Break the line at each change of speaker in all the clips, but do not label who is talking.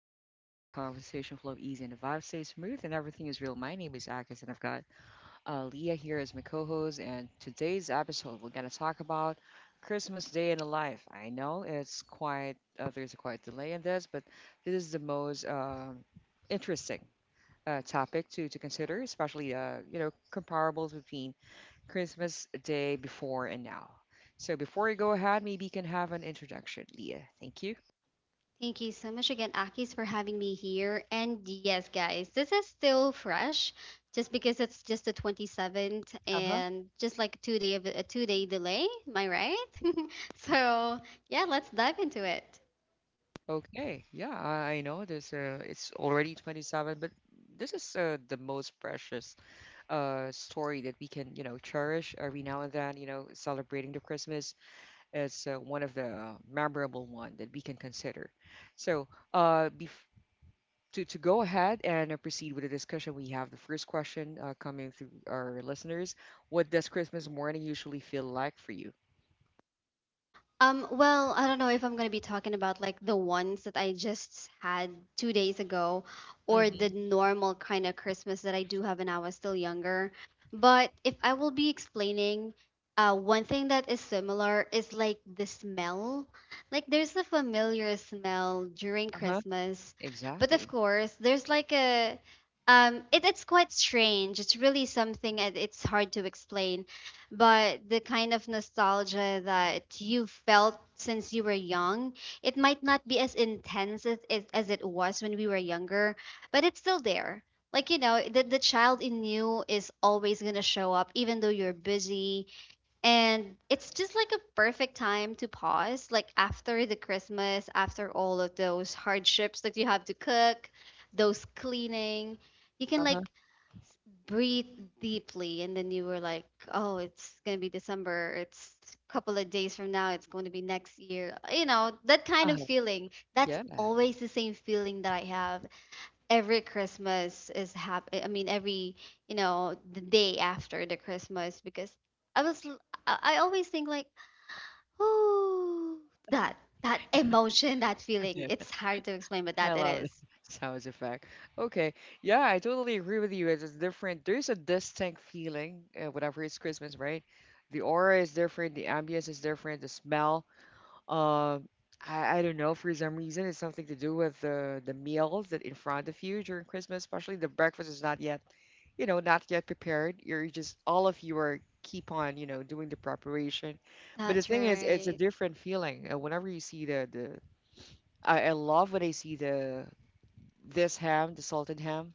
into a chill zone where conversation flow easy and the vibe stays smooth and everything is real. My name is Akis and I've got Leah here as my co-host. And today's episode, we're gonna talk about Christmas Day in the life. I know it's quite there's a quite delay in this, but this is the most interesting topic to consider, especially you know comparables between Christmas Day before and now. So before we go ahead, maybe you can have an introduction, Leah. Thank you.
Thank you so much again, Akis, for having me here. And yes, guys, this is still fresh, just because it's just the 27th
Uh-huh.
and just like 2-day delay. Am I right? So yeah, let's dive into it.
Okay, yeah, I know there's it's already 27, but this is the most precious story that we can, you know, cherish every now and then, you know, celebrating the Christmas is one of the memorable one that we can consider. So, bef to go ahead and proceed with the discussion, we have the first question coming through our listeners. What does Christmas morning usually feel like for you?
Well, I don't know if I'm gonna be talking about like the ones that I just had 2 days ago or the
Mm-hmm.
normal kind of Christmas that I do have when I was still younger. But if I will be explaining, one thing that is similar is like the smell. Like there's a familiar smell during
Uh-huh.
Christmas, but of
Exactly.
course there's like it's quite strange. It's really something that it's hard to explain, but the kind of nostalgia that you felt since you were young, it might not be as intense as it was when we were younger, but it's still there. Like, you know, the child in you is always going to show up, even though you're busy. And it's just like a perfect time to pause, like after the Christmas, after all of those hardships that you have to cook, those cleaning. You can
Uh-huh.
like breathe deeply, and then you were like, oh, it's going to be December, it's a couple of days from now, it's going to be next year, you know, that kind of
Uh-huh.
feeling. That's
Yeah.
always the same feeling that I have every Christmas. Is happy, I mean, every, you know, the day after the Christmas because I was l- I always think like, oh, that that emotion, that feeling, it's hard to explain, but
I
that it
love that
is.
sounds effect. Okay, yeah, I totally agree with you. It's different. There's a distinct feeling whenever it's Christmas, right? The aura is different, the ambience is different, the smell. Uh, I don't know, for some reason, it's something to do with the meals that in front of you during Christmas, especially the breakfast is not yet, you know, not yet prepared. You're just all of you are keep on, you know, doing the preparation. But the
That's
thing is, it's a
right.
different feeling whenever you see the the. I love when I see the this ham, the salted ham,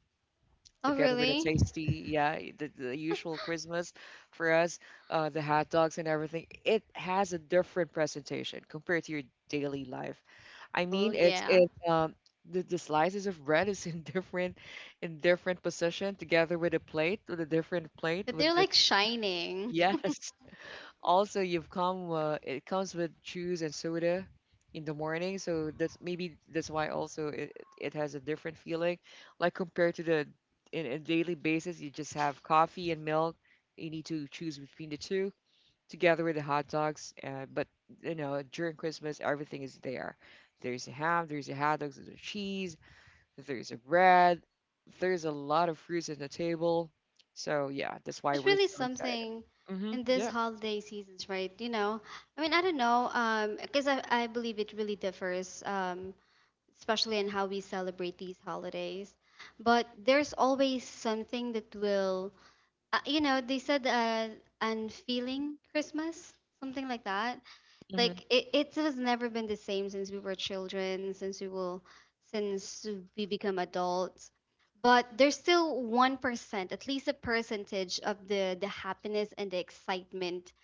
Oh,
together with a
really.
tasty, yeah, the usual Christmas for us, the hot dogs and everything. It has a different presentation compared to your daily life.
The
I
normal,
mean, it's
yeah.
it the slices of bread is in different position together with a plate with a different plate
That
with
they're
this.
like shining.
Yes, also, you've come. It comes with juice and soda in the morning, so that's maybe that's why also it has a different feeling. Like compared to the in a daily basis, you just have coffee and milk. You need to choose between the two together with the hot dogs. But you know, during Christmas, everything is there. There's a ham, there's a hot dogs, there's a cheese, there's a bread, there's a lot of fruits on the table. So yeah, that's why
There's
we're
really
so excited.
something
Mm-hmm.
in this
Yeah.
holiday seasons, right? You know, I mean, I don't know, because I believe it really differs, especially in how we celebrate these holidays. But there's always something that will, you know, they said unfeeling Christmas, something like that. Like it has never been the same since we were children, since we will, since we become adults. But there's still 1%, at least a percentage of the happiness and the excitement.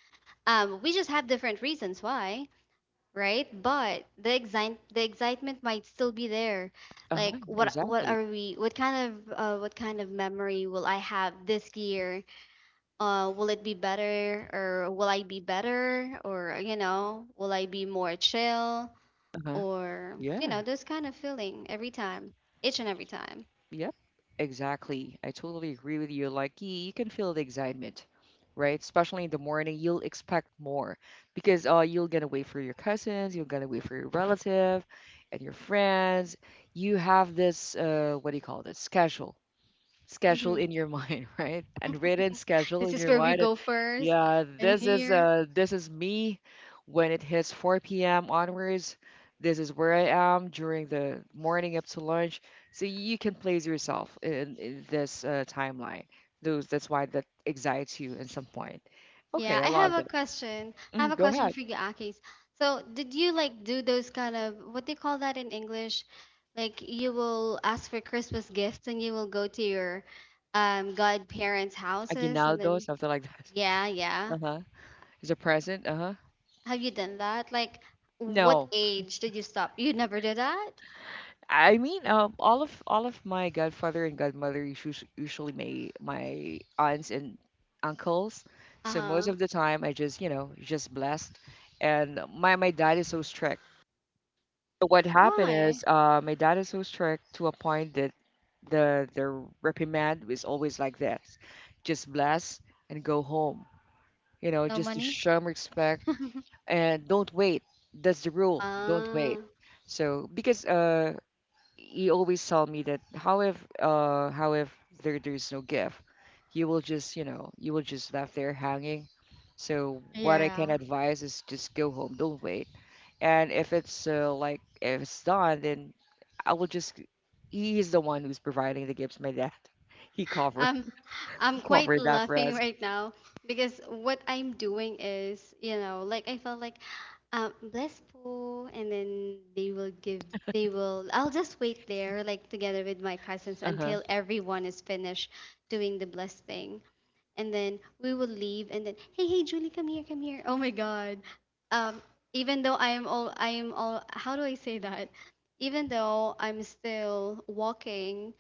We just have different reasons why, right? But the excitement might still be there. Like
Uh-huh,
what
exactly.
are we? What kind of memory will I have this year? Will it be better, or will I be better, or you know, will I be more chill,
Uh-huh.
or you know,
Yeah.
this kind of feeling every time, each and every time.
Yep. Exactly. I totally agree with you. Like, you can feel the excitement, right? Especially in the morning, you'll expect more because you'll gonna wait for your cousins, you're gonna wait for your relative and your friends. You have this what do you call this? Schedule in
Hmm.
your mind, right? And written schedule
This
in
is
your
where we
mind. That,
go first.
yeah,
And here.
this is me when it hits 4 p.m. onwards. This is where I am during the morning up to lunch. So you can place yourself in this timeline. Those that's why that excites you at some point.
Yeah,
Okay, I
I have
love
a
that.
question. I have
Mhm,
a
go
question
ahead.
for you, Akis. So did you like do those kind of, what do you call that in English, like you will ask for Christmas gifts and you will go to your godparents houses and
Aguinaldo,
then
something like that.
yeah, yeah.
Uh-huh. Is a present. Uh-huh.
Have you done that? Like, what
No.
age did you stop? You never did that?
I mean, all of my godfather and godmother is usually my aunts and uncles. So most
Uh-huh.
of the time, I just you know just blessed, and my dad is so strict. So what happened
Why?
is, my dad is so strict to a point that the reprimand was always like this: just bless and go home. You know,
No
just to
money?
show 'em respect and don't wait. That's the rule. Don't
Ah,
wait. So because he always tell me that how if there's no gift you will just you know you will just left there hanging, so what I
yeah.
can advise is just go home, don't wait. And if it's like if it's done then I will just he's the one who's providing the gifts, my dad. he covered
Um, I'm
he
quite
covered that for
laughing
us.
right now because what I'm doing is, you know, like I felt like bless Pooh, and then they will give, they will, I'll just wait there, like together with my cousins
Uh-huh.
until everyone is finished doing the bless thing. And then we will leave, and then, hey, hey, Julie, come here, come here, oh my God. um even though I am all, I am all, how do I say that, even though I'm still walking,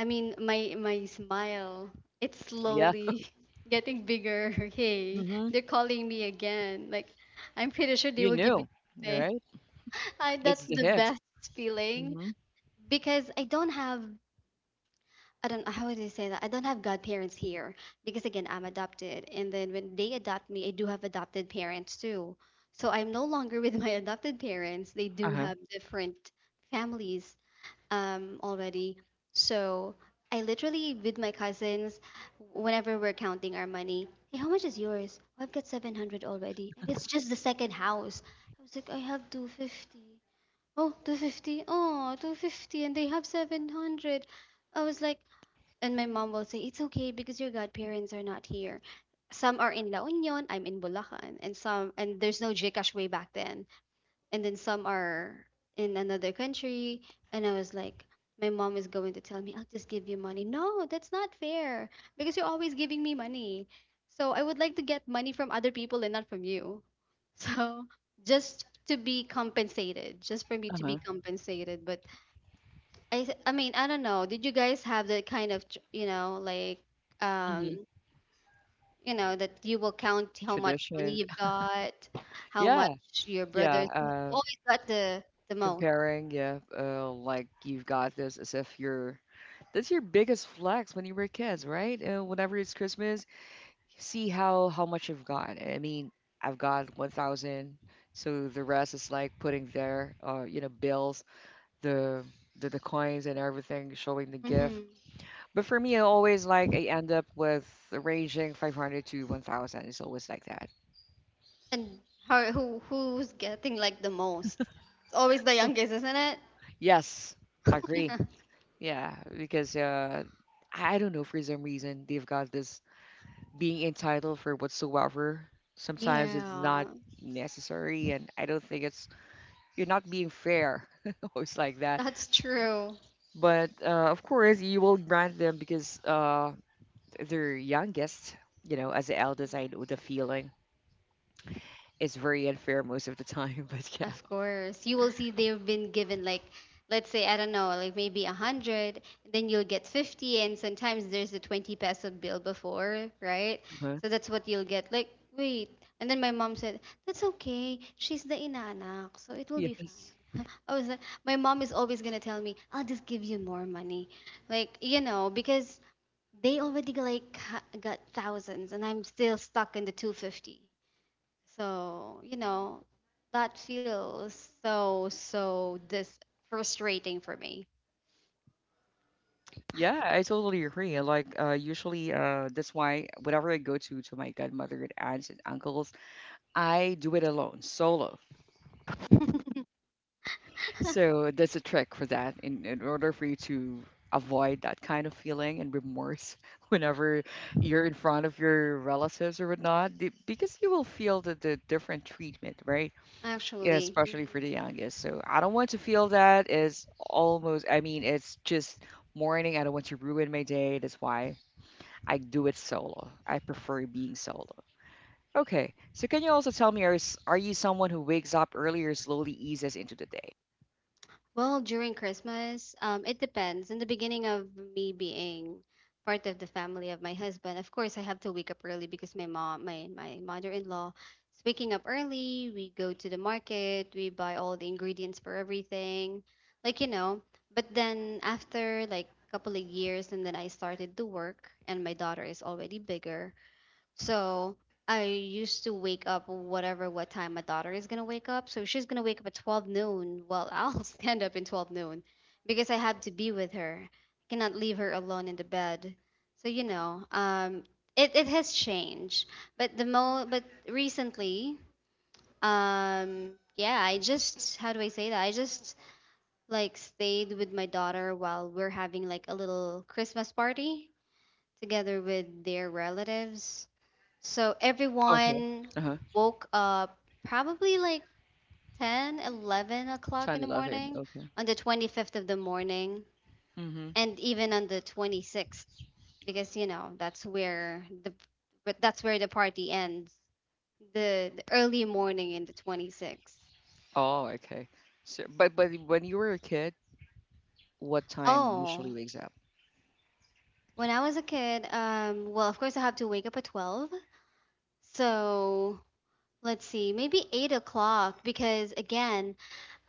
I mean my smile, it's
Yeah.
slowly getting bigger. Hey,
Mm-hmm.
they're calling me again, like I'm pretty sure they
You
will give me
knew,
something.
right.
I, that's
It's the
the
hit.
best feeling.
Mm-hmm.
Because I don't have, I don't know how do you say that? I don't have godparents here, because again, I'm adopted, and then when they adopt me, I do have adopted parents too. So I'm no longer with my adopted parents. They do
Uh-huh.
have different families already. So I literally, with my cousins, whenever we're counting our money, hey, how much is yours? Oh, I've got 700 already. And it's just the second house. I was like, I have 250. Oh, 250. Oh, 250, and they have 700. I was like, and my mom will say, it's okay because your godparents are not here. Some are in La Union, I'm in Bulacan, and some, and there's no Gcash way back then. And then some are in another country. And I was like, my mom is going to tell me, I'll just give you money. No, that's not fair. Because you're always giving me money. So I would like to get money from other people and not from you. So just to be compensated. Just for me to be
Uh-huh.
compensated. But I mean, I don't know. Did you guys have that kind of, you know, like
Mm-hmm.
um, you know, that you will count how much money
Tradition.
you've got, how
Yeah.
much your
Yeah,
brothers who always got the most.
comparing, yeah, like you've got this as if you're. That's your biggest flex when you were kids, right? Whenever it's Christmas, see how much you've got. I mean, I've got 1,000, so the rest is like putting there, you know, bills, the the coins and everything, showing the gift.
Hmm.
But for me, I always like I end up with a ranging 500 to 1,000. It's always like that.
And how who's getting like the most? It's always the youngest, isn't it?
Yes, agree. Yeah, because I don't know, for some reason they've got this being entitled for whatsoever. Sometimes it's not
Yeah,
necessary, and I don't think it's you're not being fair, always like that.
that's true.
But of course, you will grant them because they're youngest. You know, as the eldest, I know the feeling. It's very unfair most of the time, but yeah.
Of course. You will see they've been given like, let's say, I don't know, like maybe 100, then you'll get 50, and sometimes there's a 20 peso bill before, right?
Uh-huh.
So that's what you'll get. Like, wait. And then my mom said, that's okay, she's the inanak, so it will be
Yes.
fine. I was like, my mom is always gonna tell me, I'll just give you more money. Like, you know, because they already like got thousands, and I'm still stuck in the 250. So, you know, that feels so, so this frustrating for me.
Yeah, I totally agree. Like, usually, that's why whenever I go to my godmother and aunts and uncles, I do it alone, solo. So that's a trick for that in order for you to avoid that kind of feeling and remorse whenever you're in front of your relatives or whatnot, because you will feel the different treatment, right? Yeah,
Actually. Hmm.
especially for the youngest. So I don't want to feel that is almost, I mean, it's just morning. I don't want to ruin my day. That's why I do it solo. I prefer being solo. Okay. So can you also tell me, are you someone who wakes up early or slowly eases into the day?
Well, during Christmas, it depends. In the beginning of me being part of the family of my husband, of course, I have to wake up early because my mom, my mother-in-law, is waking up early. We go to the market, we buy all the ingredients for everything, like you know. But then after like a couple of years, and then I started to work, and my daughter is already bigger. So I used to wake up whatever what time my daughter is gonna wake up. So she's gonna wake up at 12 noon. Well, I'll stand up in 12 noon because I have to be with her. I cannot leave her alone in the bed. So you know, it it has changed. But the mo, but recently, um, yeah, I just how do I say that? I just like stayed with my daughter while we're having like a little Christmas party together with their relatives. So
Okay.
everyone
Uh-huh.
woke up probably like 10, 11 o'clock
Trying
in
to
the
love it.
morning
Okay.
on the 25th of the morning,
Mm-hmm.
and even on the 26th because you know that's where the, but that's where the party ends, the early morning in the 26th.
Oh, okay. So, but when you were a kid, what time usually
Oh,
wakes up?
when I was a kid, well, of course I have to wake up at 12. So let's see, maybe 8 o'clock because again,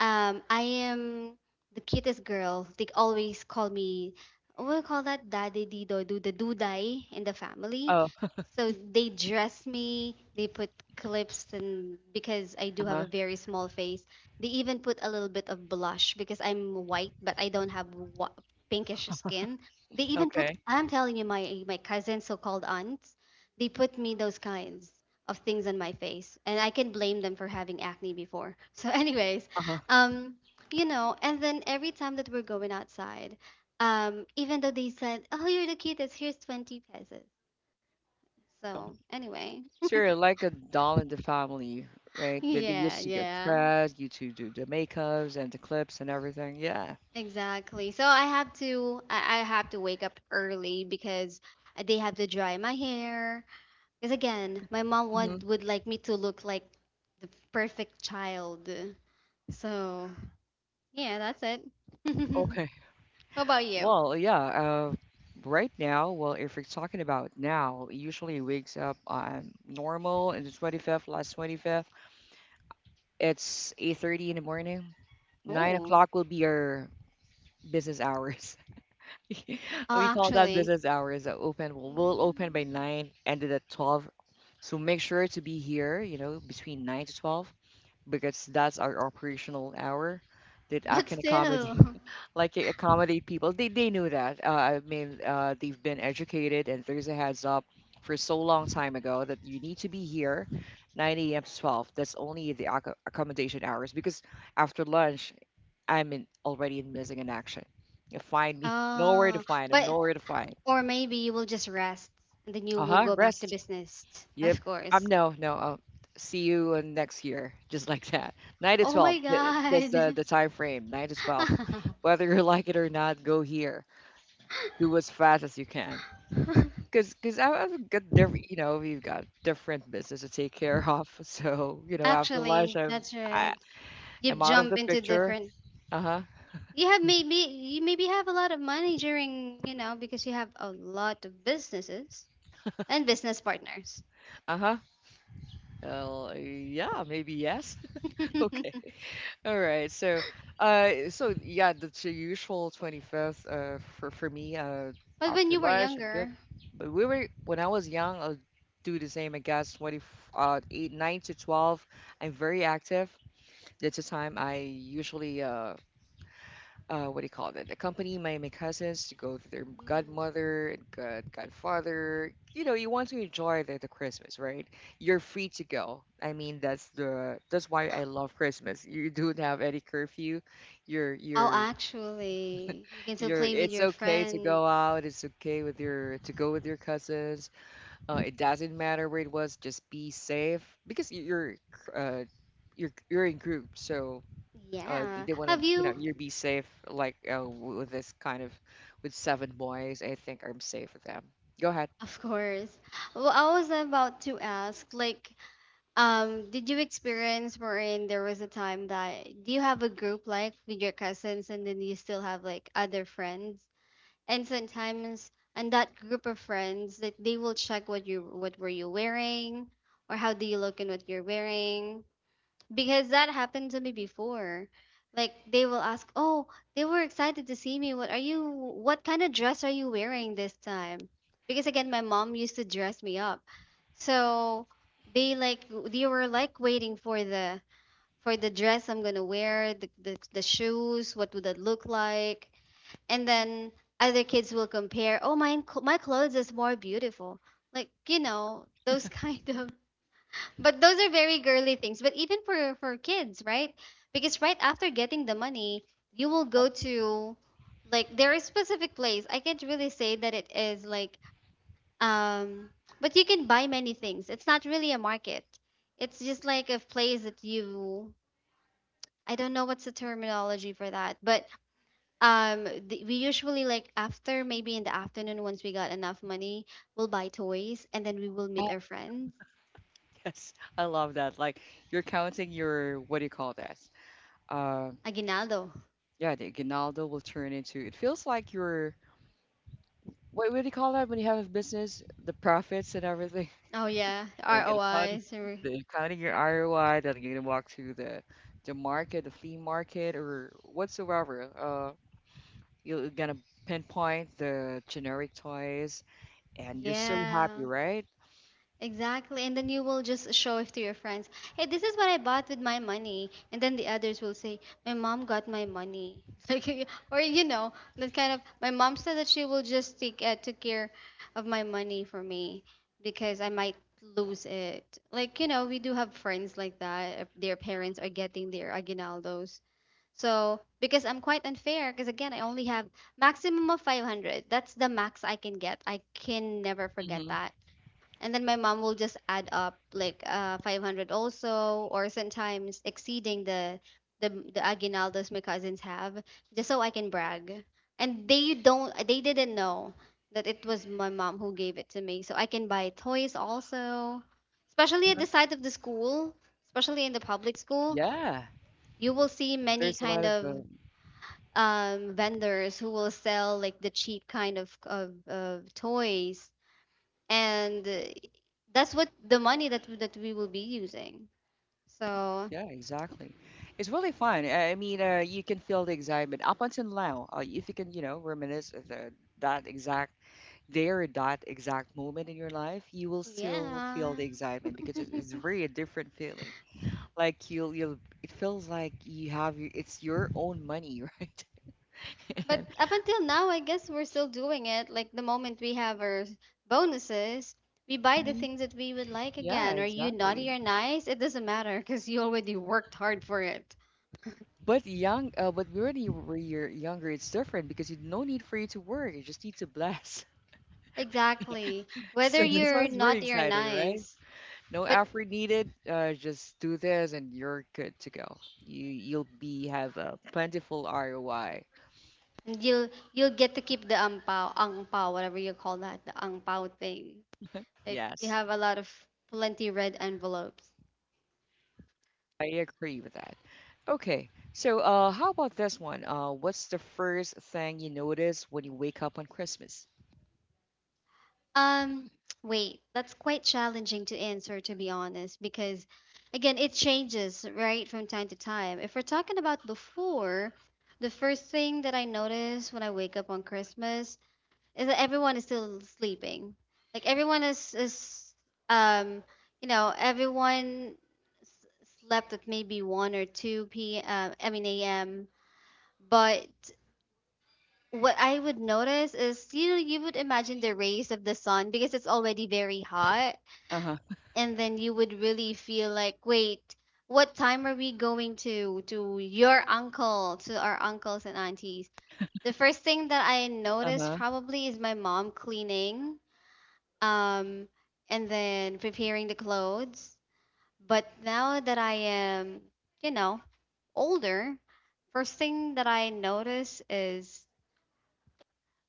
I am the cutest girl. They always call me, what do you call that? Daddy Dido, do the dudai in the family.
Oh,
So they dress me, they put clips, and because I do have a
uh-huh.
very small face, they even put a little bit of blush because I'm white, but I don't have wh- pinkish skin. They even put,
Okay.
I'm telling you, my cousins, so called aunts, they put me those kinds of things on my face, and I can blame them for having acne before. So anyways,
Uh-huh.
um, you know, and then every time that we're going outside, even though they said, Oh, you're the cutest. Here's 20 pesos. So, anyway.
So you're like a doll in the family, right? They
Yeah,
used to get
yeah.
dressed, you to do the makeups and the clips and everything. Yeah.
Exactly. So I have to I have to wake up early because they have to dry my hair. Because again, my mom
Mm-hmm.
would like me to look like the perfect child. So, yeah, that's it.
Okay.
What about you?
Well, yeah. Right now, well, if we're talking about now, it usually wakes up on normal in the 25th, last 25th. It's 8:30 in the morning. Nine
Oh,
o'clock will be our business hours. We
oh,
call that
actually.
business hours. Open. We'll open by
Mm.
nine, ended at 12. So make sure to be here, you know, between nine to 12 because that's our operational hour that I
But
can
still.
accommodate, like I accommodate people. They knew that. I mean, they've been educated, and there's a heads up for so long time ago that you need to be here, 9 a.m. to 12. That's only the accommodation hours because after lunch I'm in already in missing in action. You find me nowhere to
Oh,
find. I'm
but
nowhere to find.
or maybe you will just rest, and then you
Uh
will
huh.
go back to
Rest.
business.
Yep.
Of course.
No, no. I'll see you next year, just like that. Nine to
Oh
twelve.
my
That's
God.
the time frame. 9 to 12. Whether you like it or not, go here. Do as fast as you can. Cause I've got different, you know, we've got different business to take care of. So, you know, after lunch,
Actually, that's
I,
right. You
I'm out of
jump
the
into
picture.
different.
Uh huh.
You have, maybe you maybe have a lot of money during, you know, because you have a lot of businesses and business partners.
Uh huh. Yeah, maybe yes. Okay. All right. So, so yeah, that's your usual 25th. For me,
But when
after
you were
lunch, I'm good.
younger,
But we were when I was young, I'll do the same. I guess eight, nine to 12. I'm very active. That's the time I usually what do you call it? Accompany my cousins to go to their
mhm.
godmother and godfather. You know, you want to enjoy the Christmas, right? You're free to go. I mean, that's why I love Christmas. You don't have any curfew.
Oh,
You're
actually, you can still
you're.
play with
It's
your
okay to
friends.
go out. It's okay with your to go with your cousins. It doesn't matter where it was. Just be safe because uh, you're in group. So
Yeah.
they want to,
Have
you know,
you.
you be safe. Like with this kind of, with seven boys, I think I'm safe with them. Go ahead.
Of course. Well, I was about to ask, like, did you experience wherein there was a time that, do you have a group like with your cousins, and then you still have like other friends? And sometimes, and that group of friends that they will check what you, what were you wearing, or how do you look in what you're wearing? Because that happened to me before. Like they will ask, "Oh, they were excited to see me. What are you what kind of dress are you wearing this time?" Because again, my mom used to dress me up. So they like they were like waiting for the dress I'm gonna wear, the shoes, what would that look like? And then other kids will compare, "Oh, my clothes is more beautiful." Those kind of but those are very girly things. But even for kids, right? Because right after getting the money, you will go to like there is specific place. I can't really say that it is like um but you can buy many things. It's not really a market. It's just like a place that you I don't know what's the terminology for that, but we usually like after maybe in the afternoon once we got enough money, we'll buy toys and then we will
Oh,
meet our friends.
yes, I love that. Like you're counting your what do you call that? Uh,
Aguinaldo.
yeah, the Ginaldo will turn into. It feels like you're what do you call that when you have a business, the profits and everything.
Oh yeah,
So you gotta counting,
ROIs. Or-
the counting your ROI. Then you're gonna walk to the market, the flea market, or whatsoever. You're gonna pinpoint the generic toys, and you're so
Yeah,
happy, right?
exactly. And then you will just show it to your friends. Hey, this is what I bought with my money. And then the others will say, "My mom got my money." Like, y- or you know, that kind of. My mom said that she will just take took care of my money for me because I might lose it. Like you know, we do have friends like that. If their parents are getting their aguinaldos. So, because I'm quite unfair, because again, I only have maximum of 500. That's the max I can get. I can never forget
Hmm.
that. And then my mom will just add up like 500 also, or sometimes exceeding the the aguinaldos my cousins have, just so I can brag. And they didn't know that it was my mom who gave it to me, so I can buy toys also, especially at the side of the school, especially in the public school.
Yeah,
You will see many
there's a lot
kind
of
of vendors who will sell like the cheap kind of of toys, and that's what the money that we will be using. So
yeah, exactly. It's really fun. I mean, you can feel the excitement up until now. If you can, you know, reminisce of that exact day or that exact moment in your life, you will still feel
yeah,
the excitement because it's very a different feeling. Like you'll it feels like you have it's your own money, right?
but
And
up until now, I guess we're still doing it. Like the moment we have our bonuses, we buy the
Mhm.
things that we would like
Yeah,
again. Are you naughty
exactly.
or nice? It doesn't matter because you already worked hard for it.
But but when you're younger, it's different because you no need for you to work. You just need to blast.
Exactly. Whether
So that's why
you're
it's very
naughty or
excited, right?
nice.
No
But
effort needed. Just do this, and you're good to go. You'll be have a plentiful ROI.
you'll get to keep the ampao, angpao, whatever you call that, the angpao thing. Like we
Yes,
have a lot of plenty red envelopes.
I agree with that. Okay, so how about this one? What's the first thing you notice when you wake up on Christmas?
Um, wait, that's quite challenging to answer to be honest, because again, it changes right from time to time. If we're talking about before, the first thing that I notice when I wake up on Christmas is that everyone is still sleeping. Like everyone is um you know everyone s- slept at maybe one or two p. m. I mean a.m. But what I would notice is you know you would imagine the rays of the sun because it's already very hot,
Uh huh.
and then you would really feel like wait. What time are we going to your uncle to our uncles and aunties? The first thing that I
Uh
noticed
huh.
probably is my mom cleaning um, and then preparing the clothes. But now that I am, you know, older, first thing that I notice is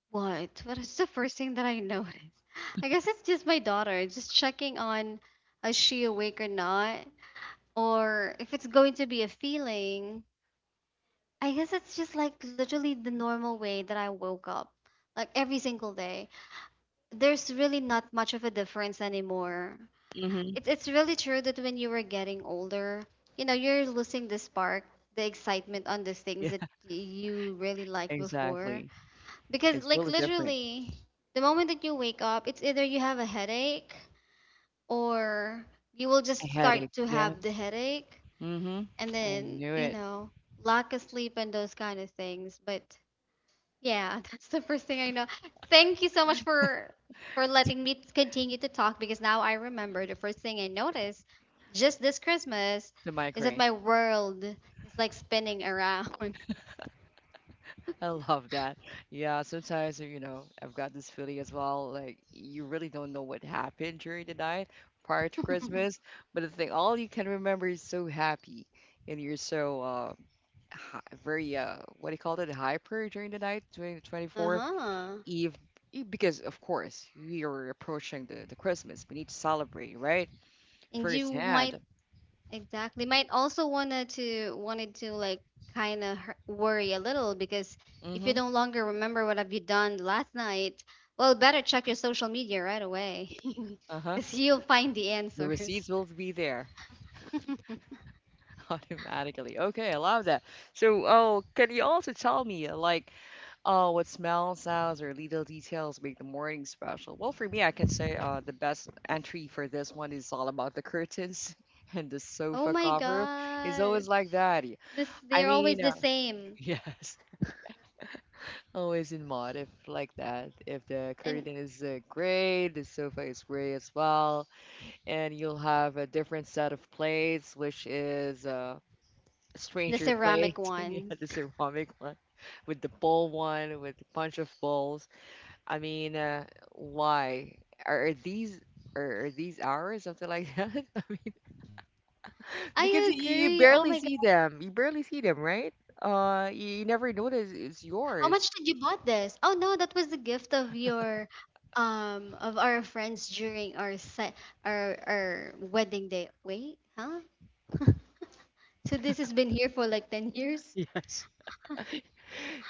what? What is the first thing that I notice? I guess it's just my daughter, just checking on is she awake or not, or if it's going to be a feeling. I guess it's just like literally the normal way that I woke up, like every single day. There's really not much of a difference anymore.
Mm-hmm.
It's really true that when you were getting older, you know, you're losing the spark, the excitement on these things
Yeah,
that y- you really liked before.
exactly.
Because
It's
like
really different.
literally, the moment that you wake up, it's either you have a headache or you will
A
just start
headache.
to
Yeah.
have the headache
Mm-hmm.
and
I
then,
knew
you
it.
know, lack of sleep and those kind of things. But yeah, that's the first thing I know. Thank you so much for letting me continue to talk because now I remember the first thing I noticed just this Christmas
The
is that
migraine.
my world is like spinning around.
I love that. Yeah, sometimes, you know, I've got this feeling as well. Like, you really don't know what happened during the night prior to Christmas. But the thing, all you can remember is so happy. And you're so hi very, what do you call it? Hyper during the night, during the 24th
Uh-huh.
Eve. Because, of course, we are approaching the Christmas. We need to celebrate, right?
And you might
Firsthand.
exactly might also wanna to wanted to like kind of worry a little because if you
Mm-hmm.
no longer remember what have you done last night, well, better check your social media right away
Uh-huh.
because you'll find the
The
answers.
receipts will be there. Automatically. Okay, I love that. So, oh, can you also tell me, like, oh, what smells, sounds, or little details make the morning special? Well, for me, I can say the best entry for this one is all about the curtains and the
Oh
sofa
my
cover. It's always
god.
like that.
This
I
they're always
mean,
the same.
yes, always in mod if like that. If the
And
curtain is gray, the sofa is gray as well, and you'll have a different set of plates, which is
the
Stranger Place.
ceramic
Yeah,
ones.
the ceramic one with the ball one with a bunch of balls. I mean, why are these are these ours? Something like that.
I
Because you
agree. Oh my
barely
god.
see them. You barely see them, right? You never notice it's
How
yours.
much did you bought this? Oh no, that was the gift of your of our friends during our set our wedding day. Wait, huh? So this has been here for like 10 years?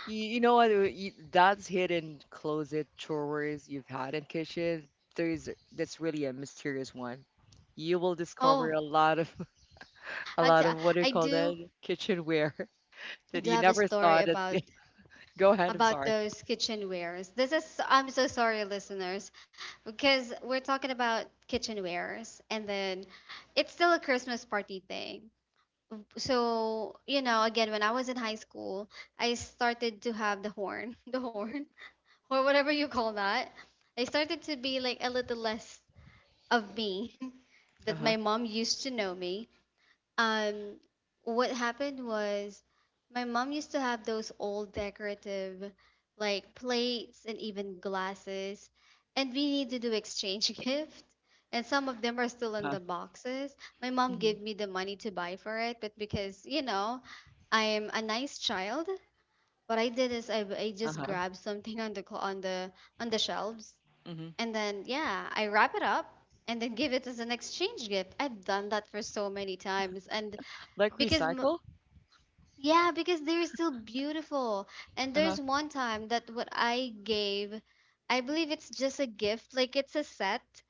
You know what? That's hidden closet drawers you've had in kitchen. There's that's really a mysterious one. You will discover
Oh,
a lot of a
I, t-
lot of what do you
I
call
do
that kitchenware
I
that
do
you
have a
never
story
thought it's Go ahead, I'm
about
sorry.
those kitchenwares. This is I'm so sorry, listeners, because we're talking about kitchenwares, and then it's still a Christmas party thing. So you know, again, when I was in high school, I started to have the horn, the horn, or whatever you call that. I started to be like a little less of me that
Uh-huh.
my mom used to know me um, what happened was my mom used to have those old decorative like plates and even glasses, and we need to do exchange gift. And some of them are still in
Uh-huh.
the boxes. My mom
Mhm.
gave me the money to buy for it, but because, you know, I am a nice child, what I did is I just
Uh-huh.
grabbed something on the on the on the shelves
Mhm.
and then yeah, I wrap it up and then give it as an exchange gift. I've done that for so many times and
Like
because
recycle?
yeah because they're still beautiful and
Uh-huh.
there's one time that what I gave I believe it's just a gift like it's a set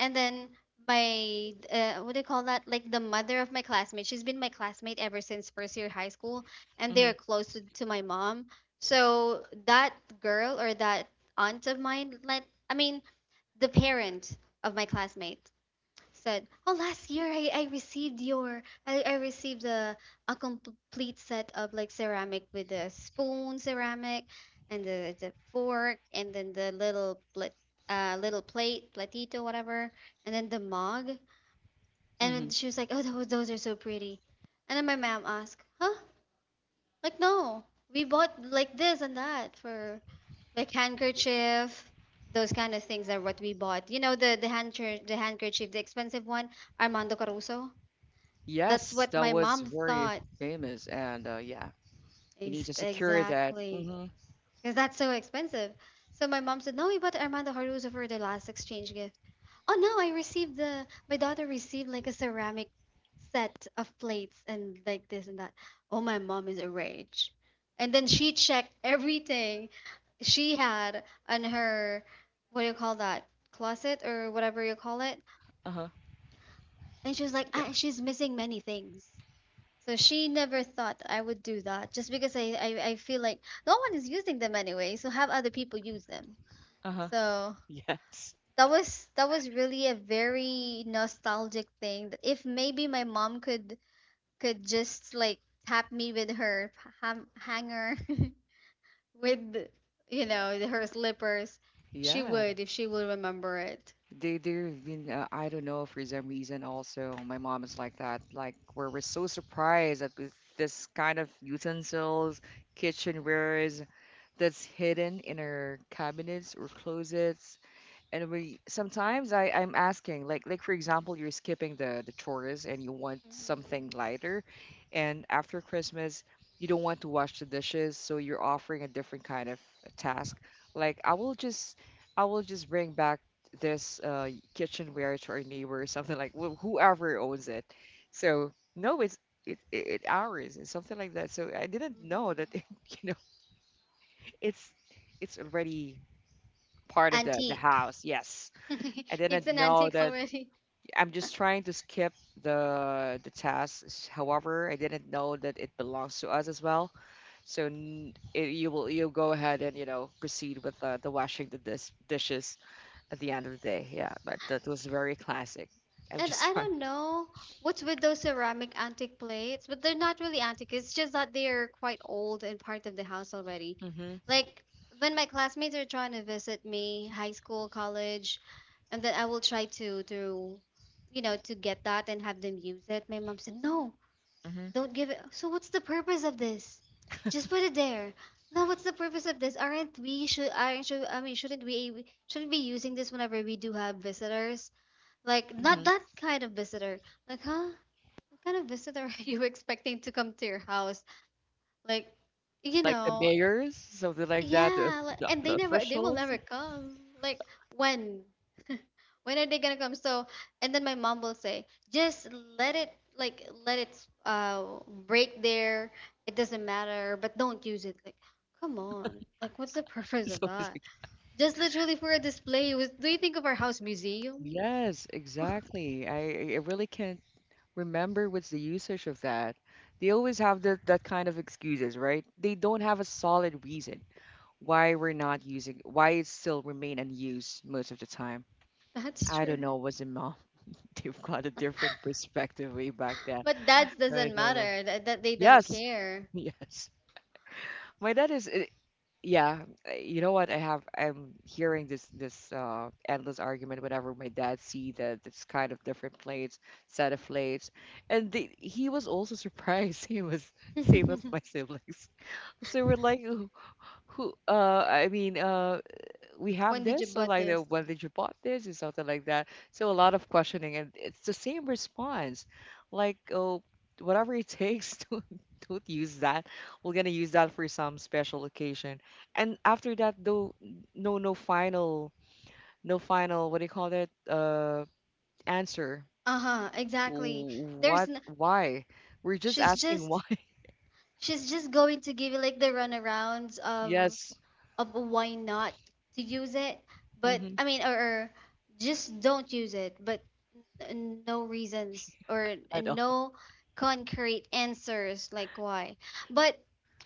and then my what do you call that like the mother of my classmate, she's been my classmate ever since first year high school and
Mhm.
they're close to my mom so that girl or that aunt of mine like I mean the parent of my classmate said, "Oh, last year I received your I received a complete set of like ceramic with the spoon ceramic and the fork and then the little plat, little plate platito whatever and then the mug." And then
Mhm.
she was like, "Oh, those are so pretty." And then my mom asked, "Huh? Like no, we bought like this and that for like handkerchief." Those kind of things are what we bought. You know the handker the handkerchief, the expensive one, Armando Caruso. That's
Yes,
what
that
my
was
mom
very
thought.
famous and yeah, you need
Ex-
to secure that.
exactly.
Mhm.
Because that's so expensive. So my mom said, no, we bought Armando Haruzo for the last exchange gift. Oh no, I received the my daughter received like a ceramic set of plates and like this and that. Oh my mom is a rage. And then she checked everything she had on her what do you call that? Closet or whatever you call it.
Uh-huh.
And she was like,
Yeah.
ah, she's missing many things. So she never thought I would do that just because I feel like no one is using them anyway, so have other people use them.
Uh-huh.
So
Yes.
that was really a very nostalgic thing that if maybe my mom could just like tap me with her ham- hanger with you know her slippers, she
Yeah.
would if she will remember it.
They have been I don't know, for some reason also my mom is like that. Like we're so surprised at with this kind of utensils, kitchenwares that's hidden in our cabinets or closets, and we sometimes I'm asking like for example you're skipping the chores and you want something
Mm-hmm.
lighter, and after Christmas you don't want to wash the dishes, so you're offering a different kind of task. Like I will just bring back this kitchenware to our neighbor or something like whoever owns it. So no, it ours and something like that. So I didn't know
Mm-hmm.
that you know it's it's already part of the
Antique.
house. Yes. I
It's
didn't
an
know
antique
that
already.
I'm just trying to skip the tasks. However, I didn't know that it belongs to us as well. So n it, you'll go ahead and you know proceed with the washing the dishes at the end of the day. Yeah, but that was very classic. I'm
And
just
I
trying.
don't know what's with those ceramic antique plates, but they're not really antique. It's just that they're quite old and part of the house already.
Hmm.
Like when my classmates are trying to visit me, high school, college, and then I will try to you know to get that and have them use it. My mom said, "No,
Hmm.
don't give it." So what's the purpose of this? Just put it there. No, what's the purpose of this? Aren't we should aren't should I mean shouldn't we shouldn't be using this whenever we do have visitors? Like not
Hmm.
that kind of visitor. Like, huh? What kind of visitor are you expecting to come to your house? Like, you
Like the
know,
mayors, something like that,
yeah, like, and they
the
never they will
officials.
never come. Like when? When are they gonna come? So, and then my mom will say, just let it like let it break there. It doesn't matter, but don't use it. Like, come on. Like, what's the purpose of
So it's
that?
like,
Just literally for a display. Was, do you think of our house museum?
yes, exactly. I really can't remember what's the usage of that. They always have that kind of excuses, right? They don't have a solid reason why we're not using, why it still remain unused most of the time.
That's
I don't
true.
know, was it mom? They've got a different perspective way back then.
But that
I
doesn't
don't know.
matter. That they don't
Yes,
care.
yes. My dad is. I- Yeah, you know what? I'm hearing this endless argument whenever my dad see that this kind of different plates, set of plates, and the, he was also surprised. He was same as my siblings. So we're like, who we have
When did you
this so
bought
like
this?
when did you bought this and something like that, so a lot of questioning, and it's the same response like oh whatever it takes to don't use that, we're gonna use that for some special occasion, and after that though no final what do you call that answer.
Uh-huh, exactly. There's
What,
n
why? We're just
she's
asking why.
just she's just going to give you like the runarounds of
Yes.
why not to use it. But
Hmm.
I mean or just don't use it. But no reasons or
At all.
no concrete answers like why. But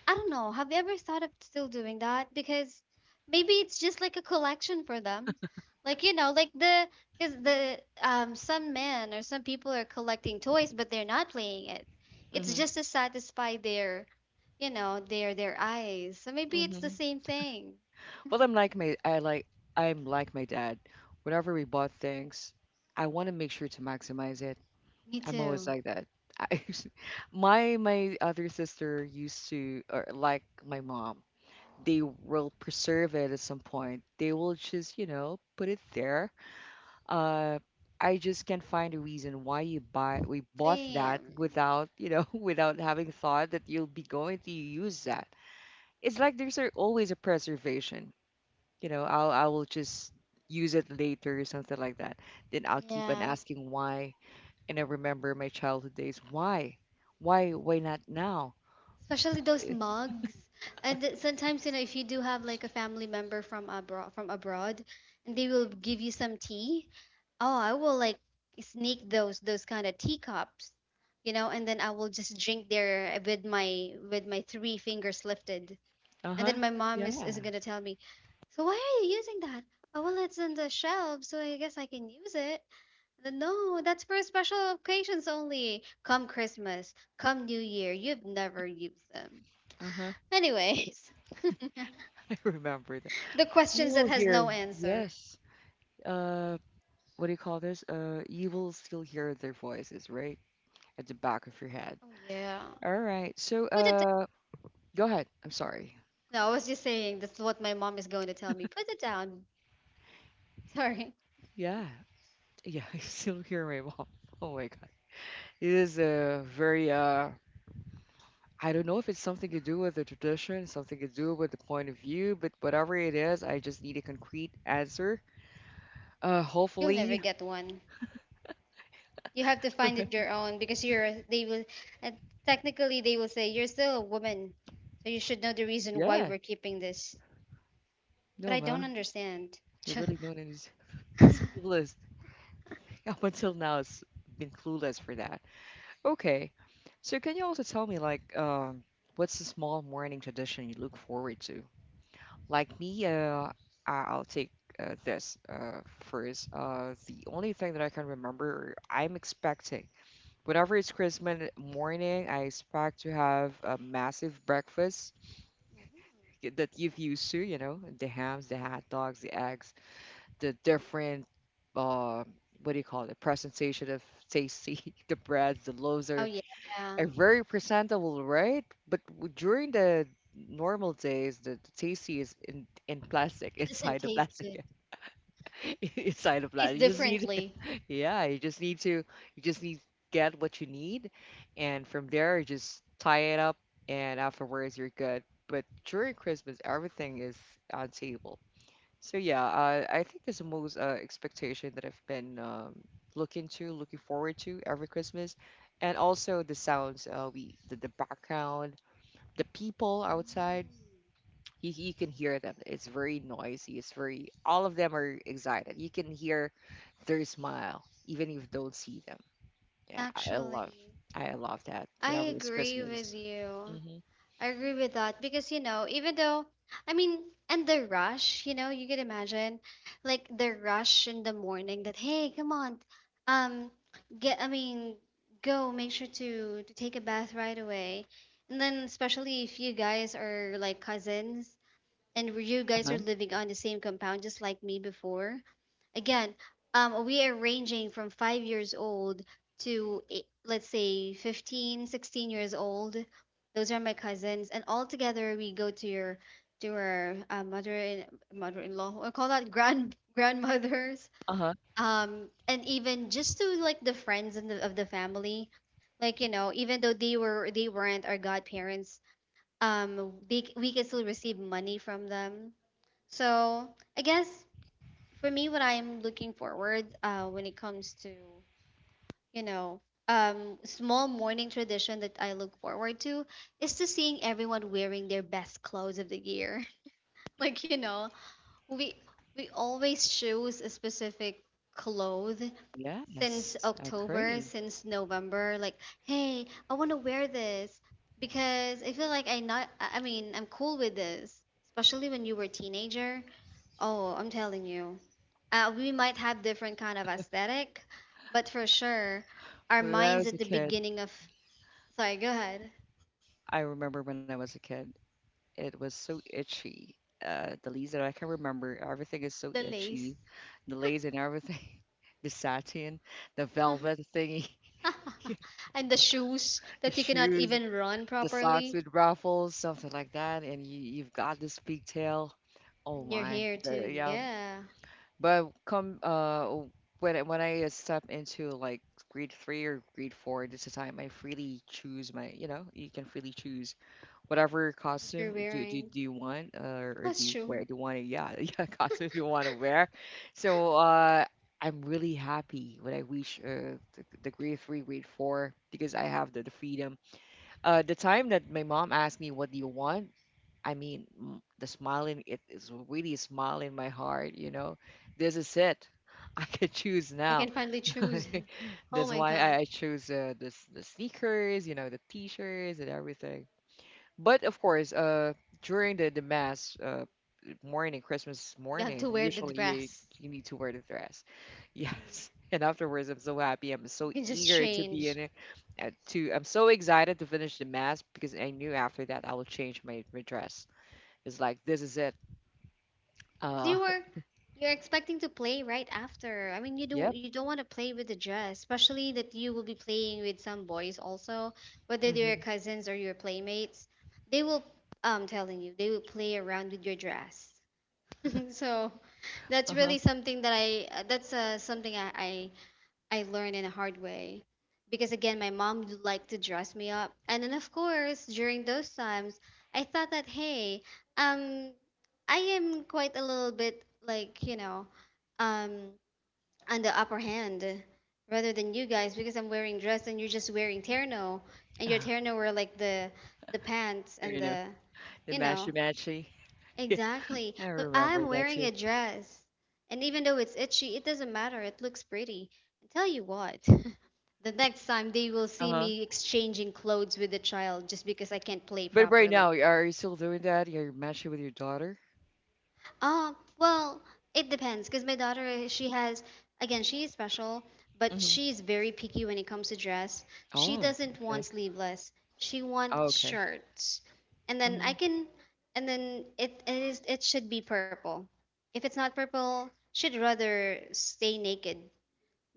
I don't know. Have you ever thought of still doing that? Because maybe it's just like a collection for them. Like you know, like the because the some men or some people are collecting toys but they're not playing it. It's
Hmm.
just to satisfy their you know, their eyes. So maybe it's the
Hmm.
same thing.
Well, I'm like my dad. Whenever we bought things, I want to make sure to maximize it.
Me
I'm always
too.
like that. I, my other sister used to or like my mom. They will preserve it at some point. They will just, you know, put it there. Uh I just can't find a reason why you buy we bought that
Same.
without, you know, without having thought that you'll be going to use that. It's like there's always a preservation, you know, I will just use it later or something like that, then I'll keep on
Yeah.
asking why, and I remember my childhood days why why not now.
Especially those
Eh,
mugs and sometimes you know if you do have like a family member from abroad and they will give you some tea. Oh, I will like sneak those kind of teacups, you know, and then I will just drink there with my three fingers lifted. And
uh-huh,
then my mom is
yeah,
gonna tell me, so why are you using that? Oh, well, it's on the shelf, so I guess I can use it. Then, no, that's for special occasions only. Come Christmas, come new year, you've never used them.
uh-huh.
Anyways,
I remember that.
the
You
questions
will
that has
hear,
no answer.
yes, uh what do you call this you will still hear their voices, right, at the back of your head.
Oh yeah.
All right, so
Put it
go ahead, I'm sorry.
No, I was just saying that's what my mom is going to tell me. Put it down. Sorry.
Yeah, yeah. I still hear my mom, oh my god. It is a very I don't know if it's something to do with the tradition, something to do with the point of view, but whatever it is, I just need a concrete answer.
You'll never
Hopefully,
get one. You have to find it your own because you're they will uh, technically they will say you're still a woman. So you should know the reason why
yeah.
we're keeping this. But
No,
I don't
man,
understand.
you
Ch-
really known as And clueless. Up until now, it's been clueless for that. Okay, so can you also tell me, like, what's the small morning tradition you look forward to? Like me, I'll take this first. The only thing that I can remember, I'm expecting. Whenever it's Christmas morning, I expect to have a massive breakfast that you've used to, you know, the hams, the hot dogs, the eggs, the different, uh, what do you call it, presentation of tasty, the breads, the loaves
oh yeah.
are very presentable, right? But during the normal days, the tasty is in plastic,
It doesn't
inside the
taste
plastic.
good.
Inside of that.
Tastes differently.
Yeah, you just need get what you need, and from there, just tie it up, and afterwards, you're good. But during Christmas, everything is on table. So yeah, I think that's the most expectation that I've been looking forward to every Christmas, and also the sounds, we the background, the people outside
Mm.
you can hear them. It's very noisy. It's very, all of them are excited. You can hear their smile, even if you don't see them. Yeah,
Actually,
I love that
I
whenever it's
agree
Christmas.
with you.
Hmm.
I agree with that because you know, even though I mean, and the rush, you know, you could imagine like the rush in the morning that hey, come on, um, get I mean, go make sure to take a bath right away, and then especially if you guys are like cousins and you guys
Uh-huh.
are living on the same compound, just like me before. Again, we are ranging from 5 years old to let's say 15, 16 years old. Those are my cousins, and all together we go to your to our mother and mother-in-law, or call that grand grandmothers,
Uh-huh.
and even just to like the friends of the family, like you know, even though they weren't our godparents, we can still receive money from them. So I guess for me, what I'm looking forward when it comes to, you know, small morning tradition that I look forward to is to seeing everyone wearing their best clothes of the year. Like, you know, we we always choose a specific clothes since
Yes, I
October,
agree.
since November. Like, hey, I want to wear this because I feel like I not. I'm cool with this, especially when you were a teenager. Oh, I'm telling you. We might have different kind of aesthetic, but for sure, our
When I
minds
was
at
a
the
kid,
beginning of sorry, go ahead.
I remember when I was a kid, it was so itchy. The leaves that I can remember, everything is so
The
itchy.
lace.
The lace and everything, the satin, the
Mhm.
velvet thingy,
And the shoes
the
that you cannot
shoes,
even run
the socks
properly.
with ruffles, something like that, and you you've got this pigtail. Oh
And your
my,
hair
the,
too,
yeah.
yeah.
But when I step into like grade three or grade four, this is the time I freely choose my you know you can freely choose whatever
What you're
costume
wearing.
do you want or do
That's
you wear
true.
do you want to, yeah, yeah, costume you want to wear. So. I'm really happy when I reach the grade three, grade four, because I have the freedom, the time that my mom asked me, "What do you want?" I mean, mm, the smiling, it is really a smile in my heart. You know, this is it. I can choose
I can
now.
finally choose. Oh
That's
my
why
god.
I chose the sneakers, you know, the t-shirts and everything. But of course, during the mass morning, Christmas
You have
morning,
to wear the
usually
dress.
you need to wear the dress.
Hmm.
Yes. And afterwards, I'm so happy. I'm
You
so
can just
eager to be
change.
in it. To I'm so excited to finish the mass because I knew after that I will change my dress. It's like this is it.
Because
Uh,
you're expecting to play right after. I mean,
yep.
you don't want to play with the dress, especially that you will be playing with some boys also, whether they're your
Mm-hmm.
cousins or your playmates. They will telling you they will play around with your dress. So that's
Uh-huh.
really something that I that's something I learned in a hard way. Because again, my mom would like to dress me up. And then, of course, during those times, I thought that, hey, um, I am quite a little bit like, you know, um, on the upper hand rather than you guys because I'm wearing dress and you're just wearing terno. And your
Uh,
terno were like the pants
I know the
you know.
matchy matchy. Yeah,
Exactly.
I
But
remember
I'm
that
wearing
too.
a dress. And even though it's itchy, it doesn't matter. It looks pretty. And tell you what, the next time they will see
Uh-huh.
me exchanging clothes with the child just because I can't play
But right now,
properly.
are you still doing that? You're matching with your daughter?
Uh, well, it depends because my daughter, again, she is special, but
Mm-hmm.
she's very picky when it comes to dress. She
Oh,
doesn't want
okay.
sleeveless. She
Oh,
wants
okay.
shirts. And then
Mm-hmm.
I can, and then it is, it should be purple. If it's not purple, she'd rather stay naked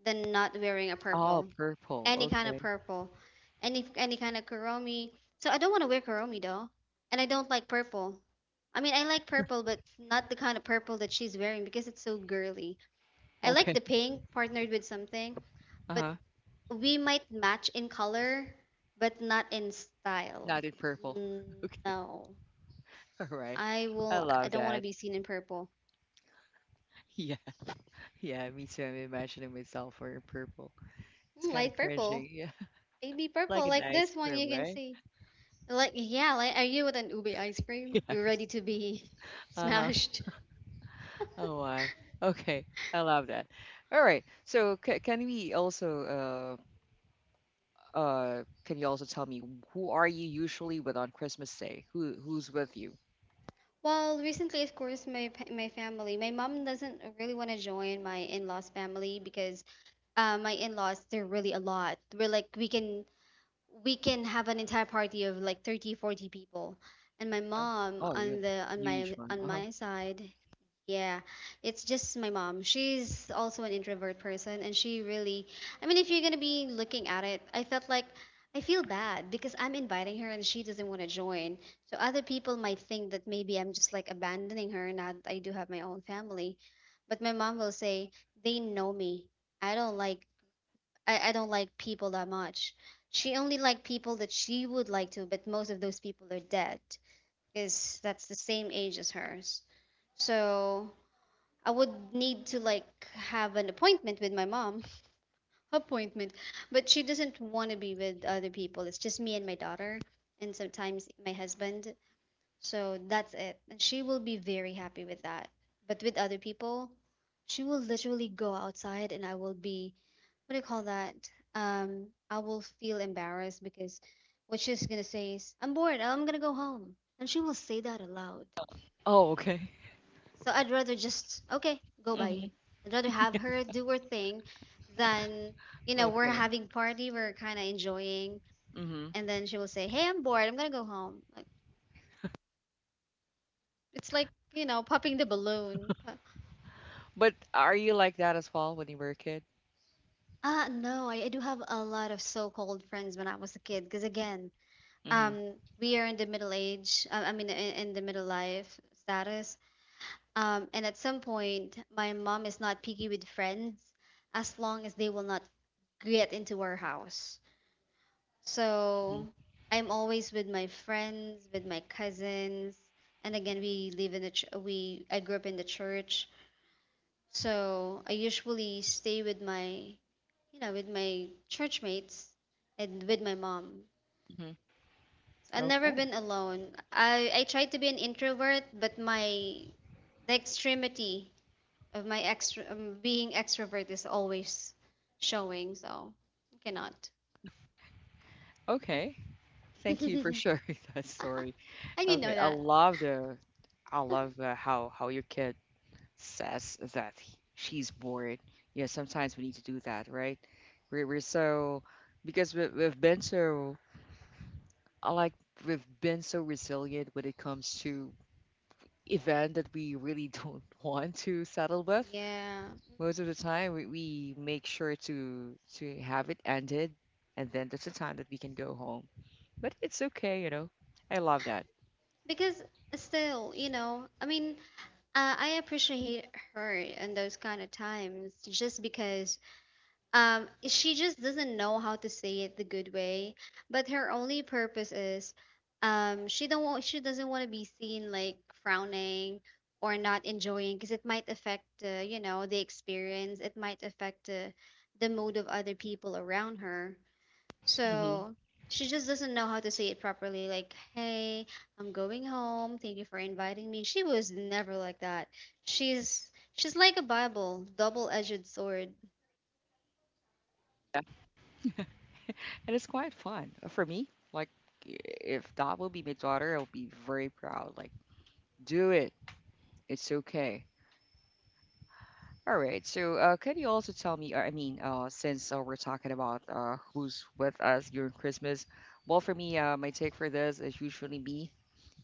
than not wearing a
Oh,
purple,
purple.
any kind of
Okay.
purple, any kind of Kuromi. So I don't want to wear Kuromi though, and I don't like purple. I mean, I like purple, but not the kind of purple that she's wearing because it's so girly. I like
Okay.
the pink partnered with something, but
Uh-huh.
we might match in color, but not in style.
Not in purple.
Mm,
Okay.
no,
All right.
I
I
will. I
love
don't want to
that.
be seen in purple.
Yeah. Yeah. Me too. I'm imagining myself wearing purple. It's
Mm,
kind of
light purple,
cringy. Yeah.
baby
Like
purple,
an
like
ice
this one
cream,
you can
right?
see. Like, yeah, like, are you with an ube ice cream
Yes.
ready to be
Uh-huh.
smashed?
Oh, why? Okay. I love that. All right. So c can we also can you also tell me who are you usually with on Christmas Day? Who's with you?
Well, recently, of course, my family, my mom doesn't really want to join my in-laws family because my in-laws, they're really a lot. We're like we can have an entire party of like 30, 40 people. And my mom
Oh, you're
on the on
huge
my
one. Uh-huh.
side. Yeah, it's just my mom. She's also an introvert person, and she really, I mean, if you're gonna be looking at it, I felt like I feel bad because I'm inviting her and she doesn't want to join. So other people might think that maybe I'm just like abandoning her now that I do have my own family. But my mom will say, they know me. I don't like, I don't like people that much. She only liked people that she would like to, but most of those people are dead because that's the same age as hers. So. I would need to like have an appointment with my mom. Appointment. But she doesn't want to be with other people. It's just me and my daughter and sometimes my husband. So that's it. And she will be very happy with that. But with other people, she will literally go outside and I will be, what do you call that? I will feel embarrassed because what she's going to say is, "I'm bored. I'm going to go home." And she will say that aloud.
Oh, okay.
So I'd rather just okay, go by.
Mm-hmm.
you. I'd rather have her do her thing than you know we're
Okay.
having party, we're kind of enjoying,
Mm-hmm.
and then she will say, "Hey, I'm bored. I'm gonna go home." Like it's like you know popping the balloon. But,
But are you like that as well when you were a kid?
no, I do have a lot of so-called friends when I was a kid. Because again,
Mhm,
um, we are in the middle age. I mean, in the middle life status. And at some point, my mom is not picky with friends as long as they will not get into our house.
mhm,
So I'm always with my friends, with my cousins, and again we live in the ch- we I grew up in the church. So I usually stay with my you know with my church mates and with my mom.
mhm.
I've never
Okay,
been alone. I tried to be an introvert, but my the extremity of my extra being extrovert is always showing. So I cannot.
okay. Thank you for
And
sharing that story.
you know
Okay, I
that.
love the, I love how your kid says that she's bored. Yeah, sometimes we need to do that, right? We're so Because we've been so I like we've been so resilient when it comes to event that we really don't want to settle with.
Yeah.
Most of the time, we make sure to have it ended, and then that's the time that we can go home. But it's okay, you know. I love that.
Because still you know I mean, I appreciate her in those kind of times just because she just doesn't know how to say it the good way, but her only purpose is, she doesn't want to be seen like frowning or not enjoying because it might affect you know the experience, it might affect the mood of other people around her.
Hmm.
So she just doesn't know how to say it properly. Like, hey, I'm going home. Thank you for inviting me. She was never like that. She's like a Bible, double-edged sword,
And it's quite fun. For me. Like, i- if that will be my daughter, I'll be very proud. Like, do it. It's okay. All right. So, can you also tell me? I mean, since we're talking about who's with us during Christmas, well, for me, my take for this is usually me,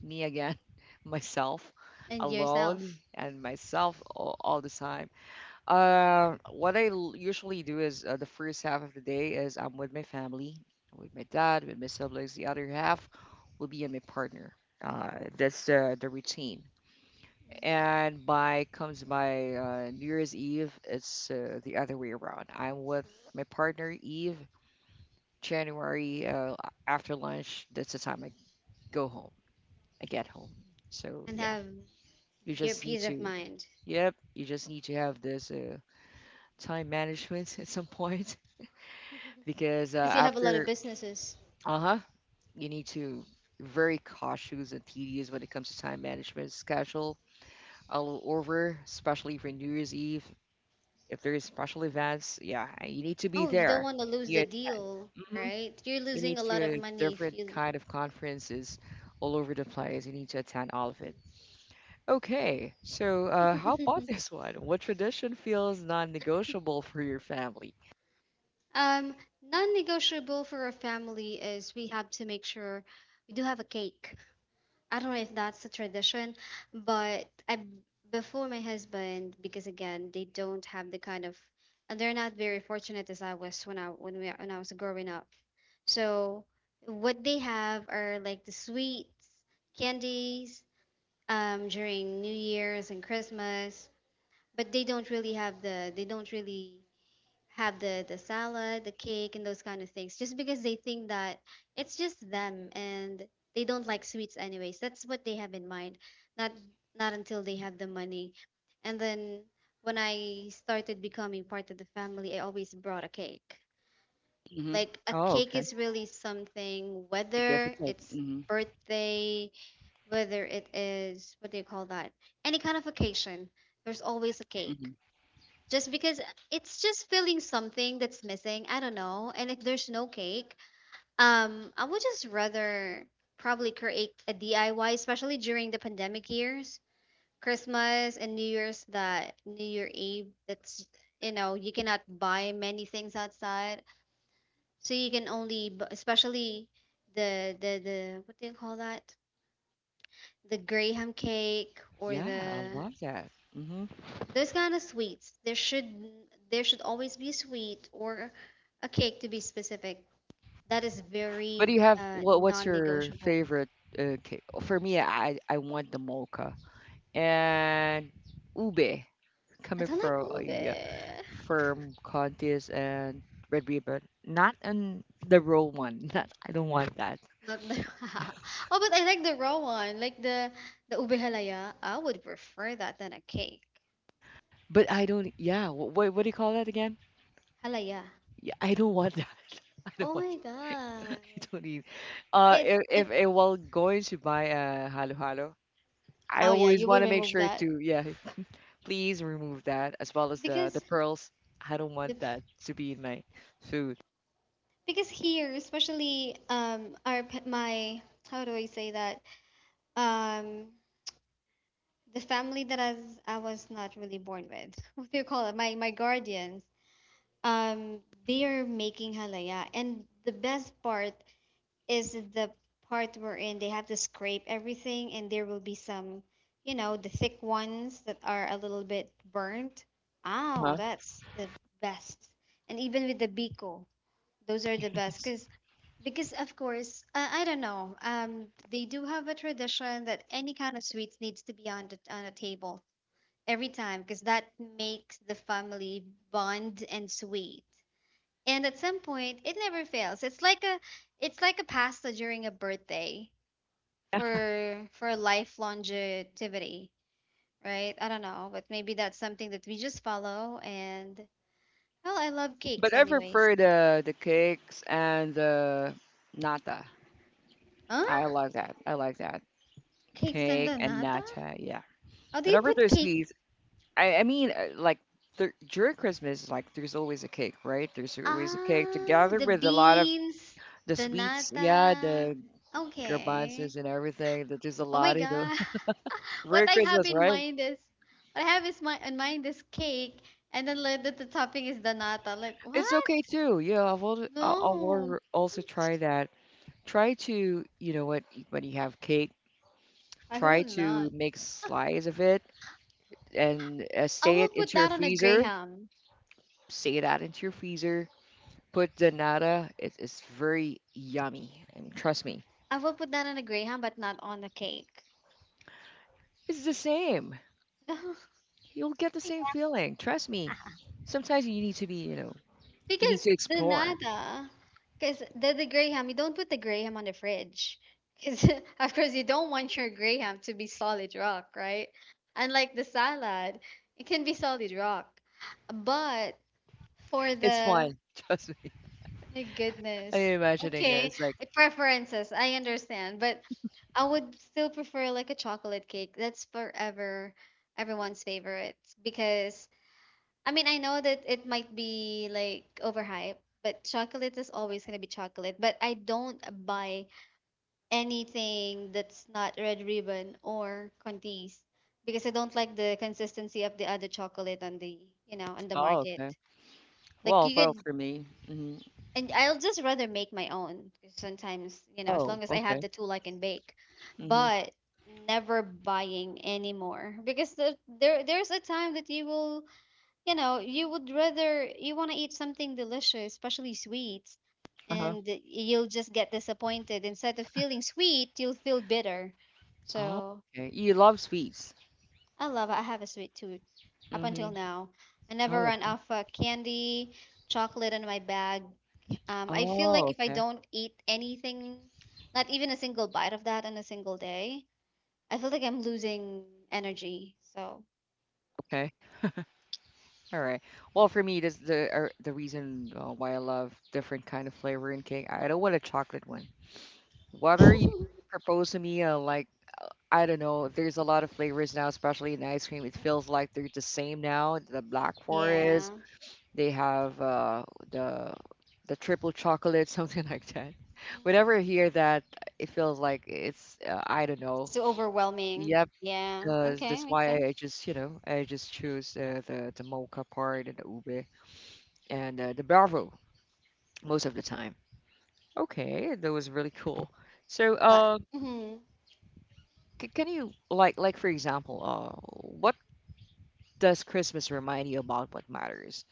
me again, myself,
and
alone,
yourself,
and myself all the time. Usually do is the first half of the day is I'm with my family, with my dad, with my siblings. The other half will be in my partner. Uh, that's the routine. And by comes by New Year's Eve, it's the other way around. I'm with my partner Eve. January after lunch, that's the time I go home. I get home. So
and
yeah,
have
you
your
just need
peace of
to.
mind.
Yep, you just need to have this time management at some point
Mhm.
because
Because you have a lot of
after
businesses.
uh-huh you need to very cautious and tedious when it comes to time management schedule all over, especially for new year's eve. If there is special events, yeah, you need to be
Oh, you don't
there,
want to lose
you
the
attend.
deal,
Hmm.
right? You're
You need
losing a lot of
to
money if
different
you.
kind of conferences all over the place, you need to attend all of it. Okay, so how about this one, what tradition feels non-negotiable for your family?
Um, non-negotiable for a family is we have to make sure we do have a cake. I don't know if that's a tradition, but I before my husband, because again they don't have the kind of, and they're not very fortunate as I was when I when we when I was growing up. So what they have are like the sweets, candies, during New Year's and Christmas, but they don't really have the salad, the cake, and those kind of things, just because they think that it's just them and they don't like sweets anyways. That's what they have in mind. Not Not until they have the money. And then when I started becoming part of the family, I always brought a cake.
Mm-hmm.
Like a
Oh,
cake
okay.
is really something, whether
Significant.
it's
Mm-hmm.
birthday, whether it is what do you call that? Any kind of occasion, there's always a cake just because it's just filling something that's missing. I don't know. And if there's no cake, I would just rather probably create a DIY, especially during the pandemic years, Christmas and New Year's, that New Year Eve. That's you know you cannot buy many things outside, so you can only, especially the what do you call that? The graham cake, or
Yeah, I
the
love that. Hmm.
those kind of sweets, there should always be a sweet or a cake to be specific that is
But do
very
you have what? What's your
non-negotiable.
favorite cake? For me, I want the mocha and ube
I
coming
don't like
from
ube.
yeah, from Contis and Red Ribbon. Not on the raw one. Not I don't want that.
Not the oh, but I like the raw one, like the ube halaya. I would prefer that than a cake.
But I don't. Yeah. What do you call that again?
Halaya.
Yeah, I don't want that. I don't
Oh
want.
my god.
I don't need.
it it
If while going to buy a halo halo, I
Oh yeah,
always
you
want
will
to make
remove
sure
that
to yeah. Please remove that as well as the
because
pearls. I don't
the
want
p-
that to be in my food.
because here especially my how do I say that, um the family that I was not really born with. What do you call it? My guardians. Um, they are making halaya, and the best part is the part wherein they have to scrape everything, and there will be some, you know, the thick ones that are a little bit burnt. Oh,
Huh?
that's the best. And even with the biko, those are the best
Yes.
because of course I don't know, they do have a tradition that any kind of sweets needs to be on the on a table every time because that makes the family bond and sweet. And at some point, it never fails. It's like a pasta during a birthday for a life longevity, right? I don't know, but maybe that's something that we just follow. And well, I love
But
cakes
I
anyways.
prefer the cakes and the nata.
Huh?
I like that. I like that.
Cakes and
Cake and
donata?
nata, yeah.
How do you
Whenever
put
there's
cake?
sweets, I mean, like there, during Christmas, like there's always a cake, right? There's always a cake
Ah,
together
the
with a lot of
beans,
the
the
sweets, yeah,
nata.
the
Okay.
garbanzos and everything. That there's a
Oh my
lot of the
god. What
during
I have
Christmas,
in
right?
mind is what I have is my in mind is cake, and then like the topping is danata. Like
It's
what?
okay too. Yeah, I will. I
No,
will also try that. Try to, you know what, when you have cake,
I
try
will not.
to make slice of it and
I
stay it
will put
into your
that on a
freezer.
graham.
Stay that into your freezer. Put the nata. It's very yummy. And trust me,
I will put that on a graham, but not on a cake.
it's the same. You'll get the same feeling. Trust me. Sometimes you need to be, you know, you need
Because
to
the
explore.
nata, because the graham, you don't put the graham on the fridge. Because, of course, you don't want your graham to be solid rock, right? Unlike the salad, it can be solid rock. But for
It's
the
fun. Trust me.
my
I'm
goodness.
imagining it.
Okay,
It's like,
preferences. I understand, but I would still prefer like a chocolate cake. That's forever everyone's favorite because I mean, I know that it might be like overhyped, but chocolate is always going to be chocolate. But I don't buy anything that's not Red Ribbon or Conti's because I don't like the consistency of the other chocolate on you know, on the
oh,
market.
okay.
Like
Well,
you
well,
could
for me. Mhm.
and I'll just rather make my own, 'cause sometimes, you know, as
Oh,
long as I have
okay.
the tool, I can bake,
Mhm.
but never buying anymore because there's a time that you will, you know, you would rather you want to eat something delicious, especially sweets,
Uh-huh.
and you'll just get disappointed. Instead of feeling sweet, you'll feel bitter.
Oh,
So
okay. You love sweets.
I love it. I have a sweet tooth. Up until
Mhm.
now, I never
Oh,
run
okay.
out of candy, chocolate in my bag. I feel
Oh,
like if I
okay.
don't eat anything, not even a single bite of that in a single day, I feel like I'm losing energy. So
Okay. All right. Well, for me, this the reason why I love different kind of flavor in cake. I don't want a chocolate one. Whether you propose to me, like I don't know, there's a lot of flavors now, especially in ice cream. It feels like they're the same now. The black forest,
yeah.
they have the the triple chocolate, something like that.
Mhm.
Whenever I hear that, it feels like it's I don't know.
It's too overwhelming.
Yep,
Yeah. Okay,
that's
makes
why
sense.
I just you know I just choose the mocha part and the ube and the Bravo most of the time. Okay, that was really cool. So,
But, mhm.
can you like for example, what does Christmas remind you about what matters?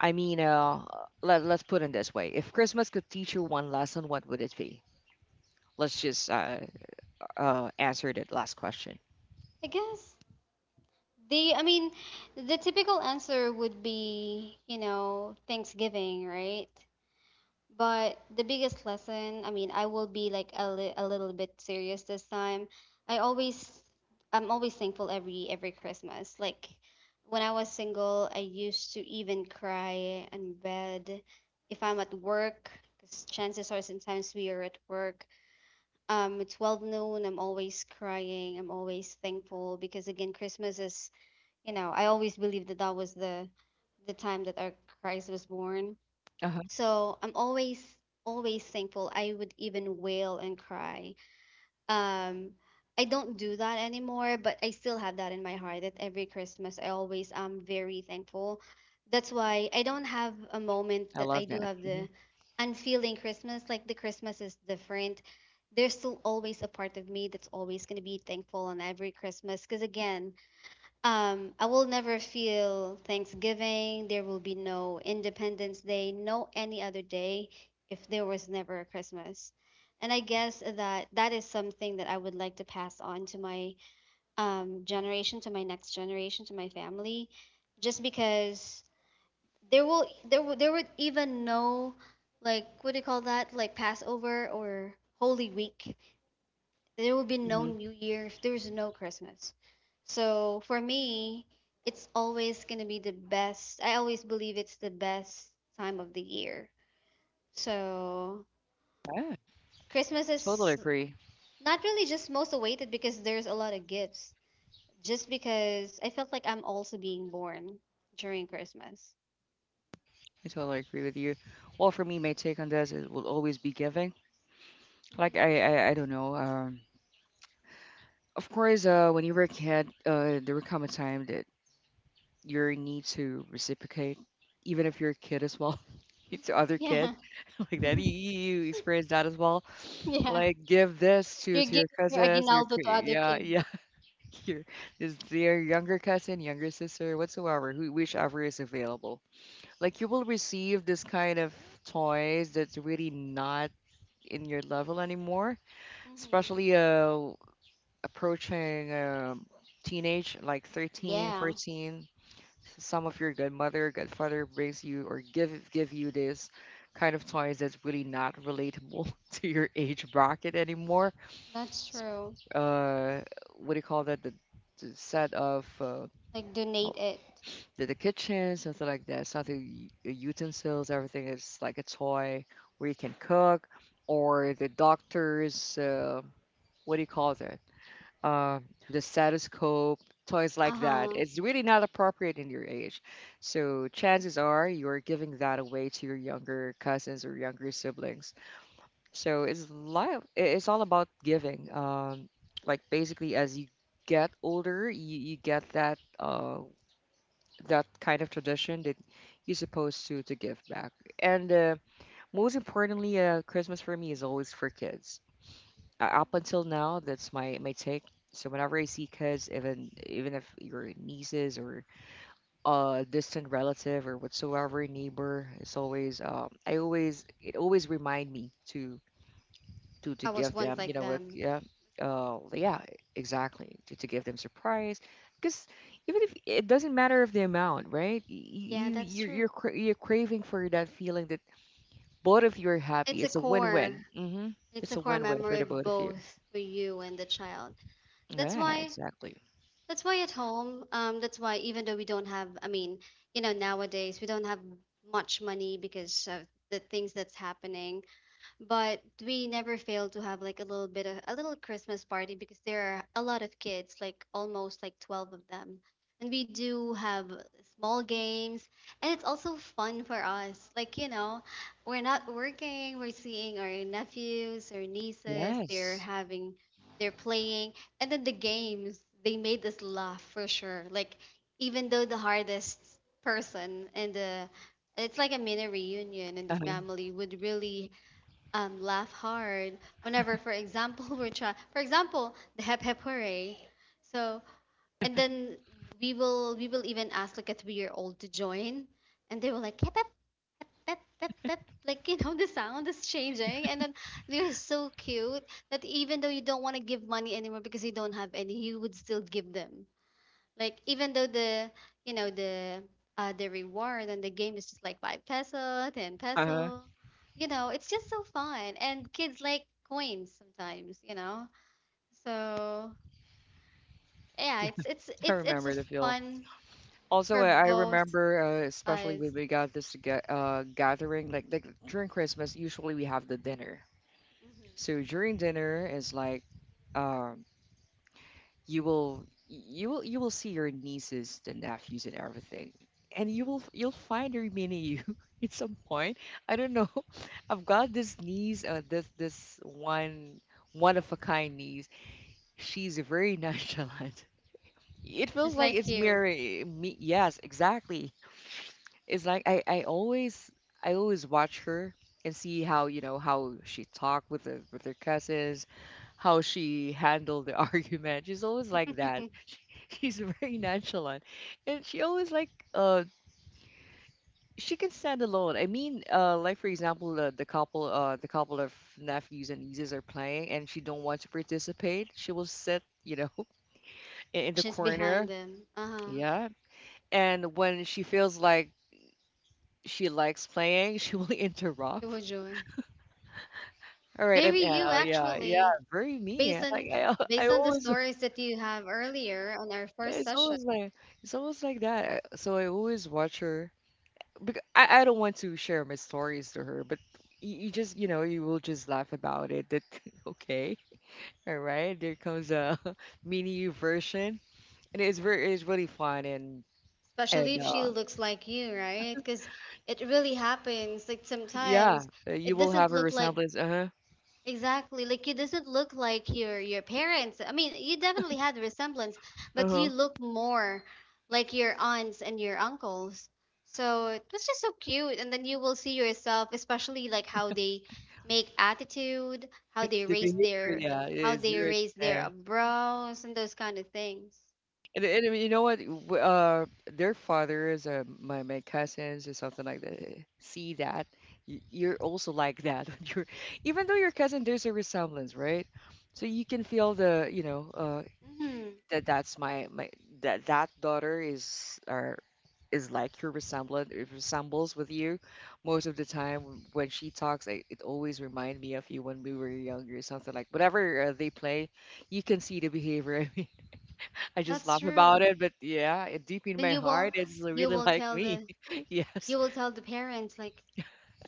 I mean, let let's put it this way: if Christmas could teach you one lesson, what would it be? Let's just Answer that last question.
I guess I mean, the typical answer would be, you know, Thanksgiving, right? But the biggest lesson, I mean, I will be like a little bit serious this time. I always, I'm always thankful every Christmas. Like when I was single, I used to even cry in bed if I'm at work, because chances are sometimes we are at work. It's 12 noon. I'm always crying. I'm always thankful because again, you know, I always believe that that was the time that our Christ was born.
Uh-huh.
So I'm always, always thankful. I would even wail and cry. Um, I don't do that anymore, but I still have that in my heart that every Christmas I always am very thankful. That's why I don't have a moment
I
that I
love
do
that.
have
Hmm.
the unfeeling Christmas. Like the Christmas is different. There's still always a part of me that's always going to be thankful on every Christmas. Because again, I will never feel Thanksgiving. There will be no Independence Day, no any other day if there was never a Christmas. And I guess that that is something that I would like to pass on to my generation, to my next generation, to my family, just because there would even no like what do you call that, like Passover or Holy Week, there will be no
Hmm.
New Year if there's no Christmas. So for me, it's always going to be the best. I always believe it's the best time of the year. So
Yeah,
Christmas
totally
is
agree.
not really just most awaited because there's a lot of gifts. Just because I felt like I'm also being born during Christmas.
I totally agree with you. Well, for me, my take on this is will always be giving. I don't know. Of course, when you were a kid, there will come a time that you need to reciprocate, even if you're a kid as well. To other
Mm-hmm.
kid
Mm-hmm.
like that you,
Yeah.
you you experience that as well
yeah.
like give this
You're
to your
giving your
cousins
aguinaldo to other
yeah,
kids.
yeah. Your is their younger cousin, younger sister, whatsoever, who whichever is available. Like you will receive this kind of toys that's really not in your level anymore,
Mm-hmm.
especially approaching teenage like 13,
Yeah,
14. Some of your godmother, godfather brings you or give you this kind of toys that's really not relatable to your age bracket anymore.
that's true.
Uh, what do you call that? The set of
Like donate
all-
it.
the kitchen, something like that, something utensils, everything is like a toy where you can cook, or the doctor's what do you call that? Uh, the stethoscope, toys like that.
Uh-huh.
It's really not appropriate in your age. So chances are you're giving that away to your younger cousins or younger siblings. So it's life. It's all about giving. Like basically, as you get older, you get that. That kind of tradition that you're supposed to give back. And most importantly, Christmas for me is always for kids. Up
Mm.
until now, that's my take. So whenever I see kids, even if your nieces or a distant relative or whatsoever neighbor, it's always I always it always remind me to to
I was
give
once
them, you
like
know, a,
them.
yeah, yeah, exactly, to give them surprise. Because even if it doesn't matter of the amount, right?
Yeah, that's true.
You're, you're craving for that feeling that both of you are happy.
It's a
It's a
core.
win-win. Hmm.
It's
It's
a
a
core
win-win for
memory
the both of you.
both for you and the child. That's
Yeah,
why
exactly.
that's why at home, that's why even though we don't have I mean, you know, nowadays we don't have much money because of the things that's happening, but we never fail to have like a little bit of a little Christmas party because there are a lot of kids, like almost like 12 of them. And we do have small games, and it's also fun for us. Like, you know, we're not working, we're seeing our nephews or nieces, they're
Yes.
having, they're playing, and then the games, they made us laugh for sure. Like, even though the hardest person and the it's like a mini reunion in the
Uh-huh.
family would really laugh hard whenever, for example, we're trying, for example, the hep hep hooray. So, and then we will even ask like a 3 year old to join, and they will like hep hep hep hep hep hep. Like you know, the sound is changing, and then they're so cute that even though you don't want to give money anymore because you don't have any, you would still give them. Like even though the you know the reward and the game is just like five peso, ten
Uh-huh.
peso, you know, it's just so fun. And kids like coins sometimes, you know. So yeah,
Yeah,
it's it's
I
it's it's
remember the
just
feel.
fun
Also,
for
I
both
remember, especially
sides.
when we got this gathering, like during Christmas, usually we have the dinner, so
Hmm.
during dinner is like um you will see your nieces the nephews and everything. And
Hmm.
you'll find her remaining you at some point. I don't know. I've got this niece, this one one of a kind niece. She's very nonchalant. It feels
Just
like
like
it's
you.
mirroring me. Yes, exactly. It's like I always watch her and see how you know how she talked with the with her cousins, how she handled the argument. She's always like that. She's very nonchalant, and she always like she can stand alone. I mean, like for example the couple of nephews and nieces are playing and she don't want to participate. She will sit you know in the
Just behind
corner.
them. Uh-huh.
Yeah, and when she feels like she likes playing, she will interrupt.
Shoujo.
All right, I'm
Very you
Anna. Yeah,
actually,
very me.
based on
I
based on the
always,
stories that you have earlier on our first
it's
session.
always like, it's always like that. Uh, so I always watch her because I don't want to share my stories to her, but you just, you know, you will just laugh about it. That okay, all right. There comes a mini version, and it's really fun and
Especially if she looks like you, right? Because it really happens. Like
yeah,
sometimes
you
it
will have
doesn't
a
look like
resemblance. Uh huh.
exactly like you, doesn't look like your parents. I mean, you definitely had resemblance,
Uh
but
huh.
you look more like your aunts and your uncles. So it was just so cute. And then you will see yourself, especially like how they make attitude, how they
The
raise
behavior,
their
yeah,
how
is
they
very the
raise their
same.
eyebrows and those kind of things.
And you know what? Their fathers, my my cousins, or something like that, eh, see that you're also like that. You're, even though your cousin, there's a resemblance, right? So you can feel the, you know,
Hmm.
that that's my that daughter is or is like your resemblance. It resembles with you most of the time when she talks. It always remind me of you when we were younger, something like whatever they play. You can see the behavior. I just
That's
laugh about
true.
it, but yeah, it, deep in
Then
my
you will
heart, it's
you
really
will
like
tell
me.
the
Yes.
you will tell the parents like,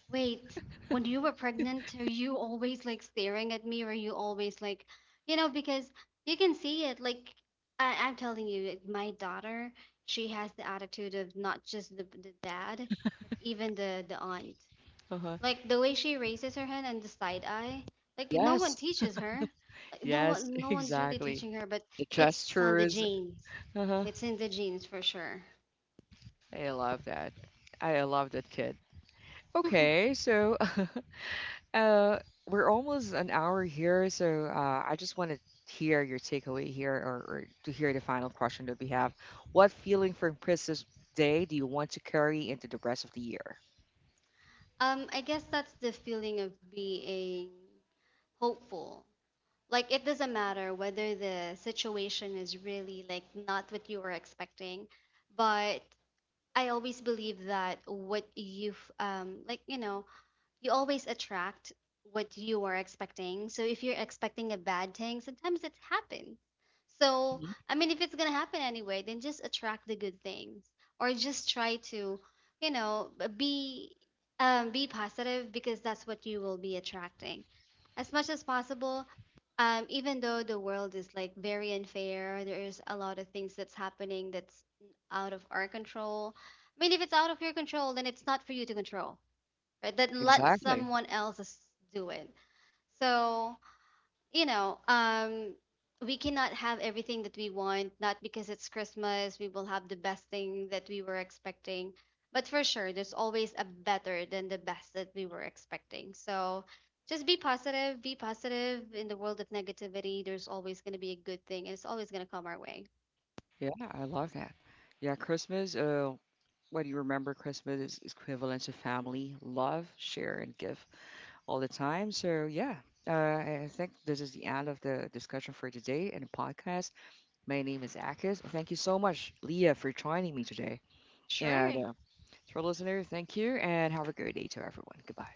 wait, when you were pregnant, are you always like staring at me? Or are you always like, you know, because you can see it. Like I'm telling you, it- my daughter, she has the attitude of not just the dad, but even the aunt.
Uh-huh.
Like the way she raises her hand and the side eye, like no one
Yes.
teaches her. Like
Yes,
no one's really
exactly.
teaching her, but
The
it's on the
gestures.
genes.
Uh-huh.
It's in the genes for sure.
I love that. I love that kid. Okay, so uh we're almost an hour here, so I just want to hear your takeaway here or to hear the final question that we have. What feeling from Christmas Day do you want to carry into the rest of the year?
I guess that's the feeling of being hopeful. Like it doesn't matter whether the situation is really like not what you were expecting, but I always believe that what you've like you know you always attract what you are expecting. So if you're expecting a bad thing, sometimes it happens. So
Mhm.
I mean, if it's gonna happen anyway, then just attract the good things, or just try to, you know, be positive because that's what you will be attracting as much as possible. Even though the world is like very unfair, there is a lot of things that's happening that's out of our control. I mean, if it's out of your control, then it's not for you to control, right? That let
Exactly.
someone else do it. So, you know, we cannot have everything that we want, not because it's Christmas, we will have the best thing that we were expecting. But for sure, there's always a better than the best that we were expecting. So just be positive, be positive. In the world of negativity, there's always going to be a good thing, and it's always going to come our way.
Yeah, I love that. Yeah, Christmas, what do you remember? Christmas is equivalent to family, love, share, and give all the time. So, yeah, I think this is the end of the discussion for today and the podcast. My name is Akis. Thank you so much, Leah, for joining me today. And
Sure.
to our listener, thank you and have a great day to everyone. Goodbye.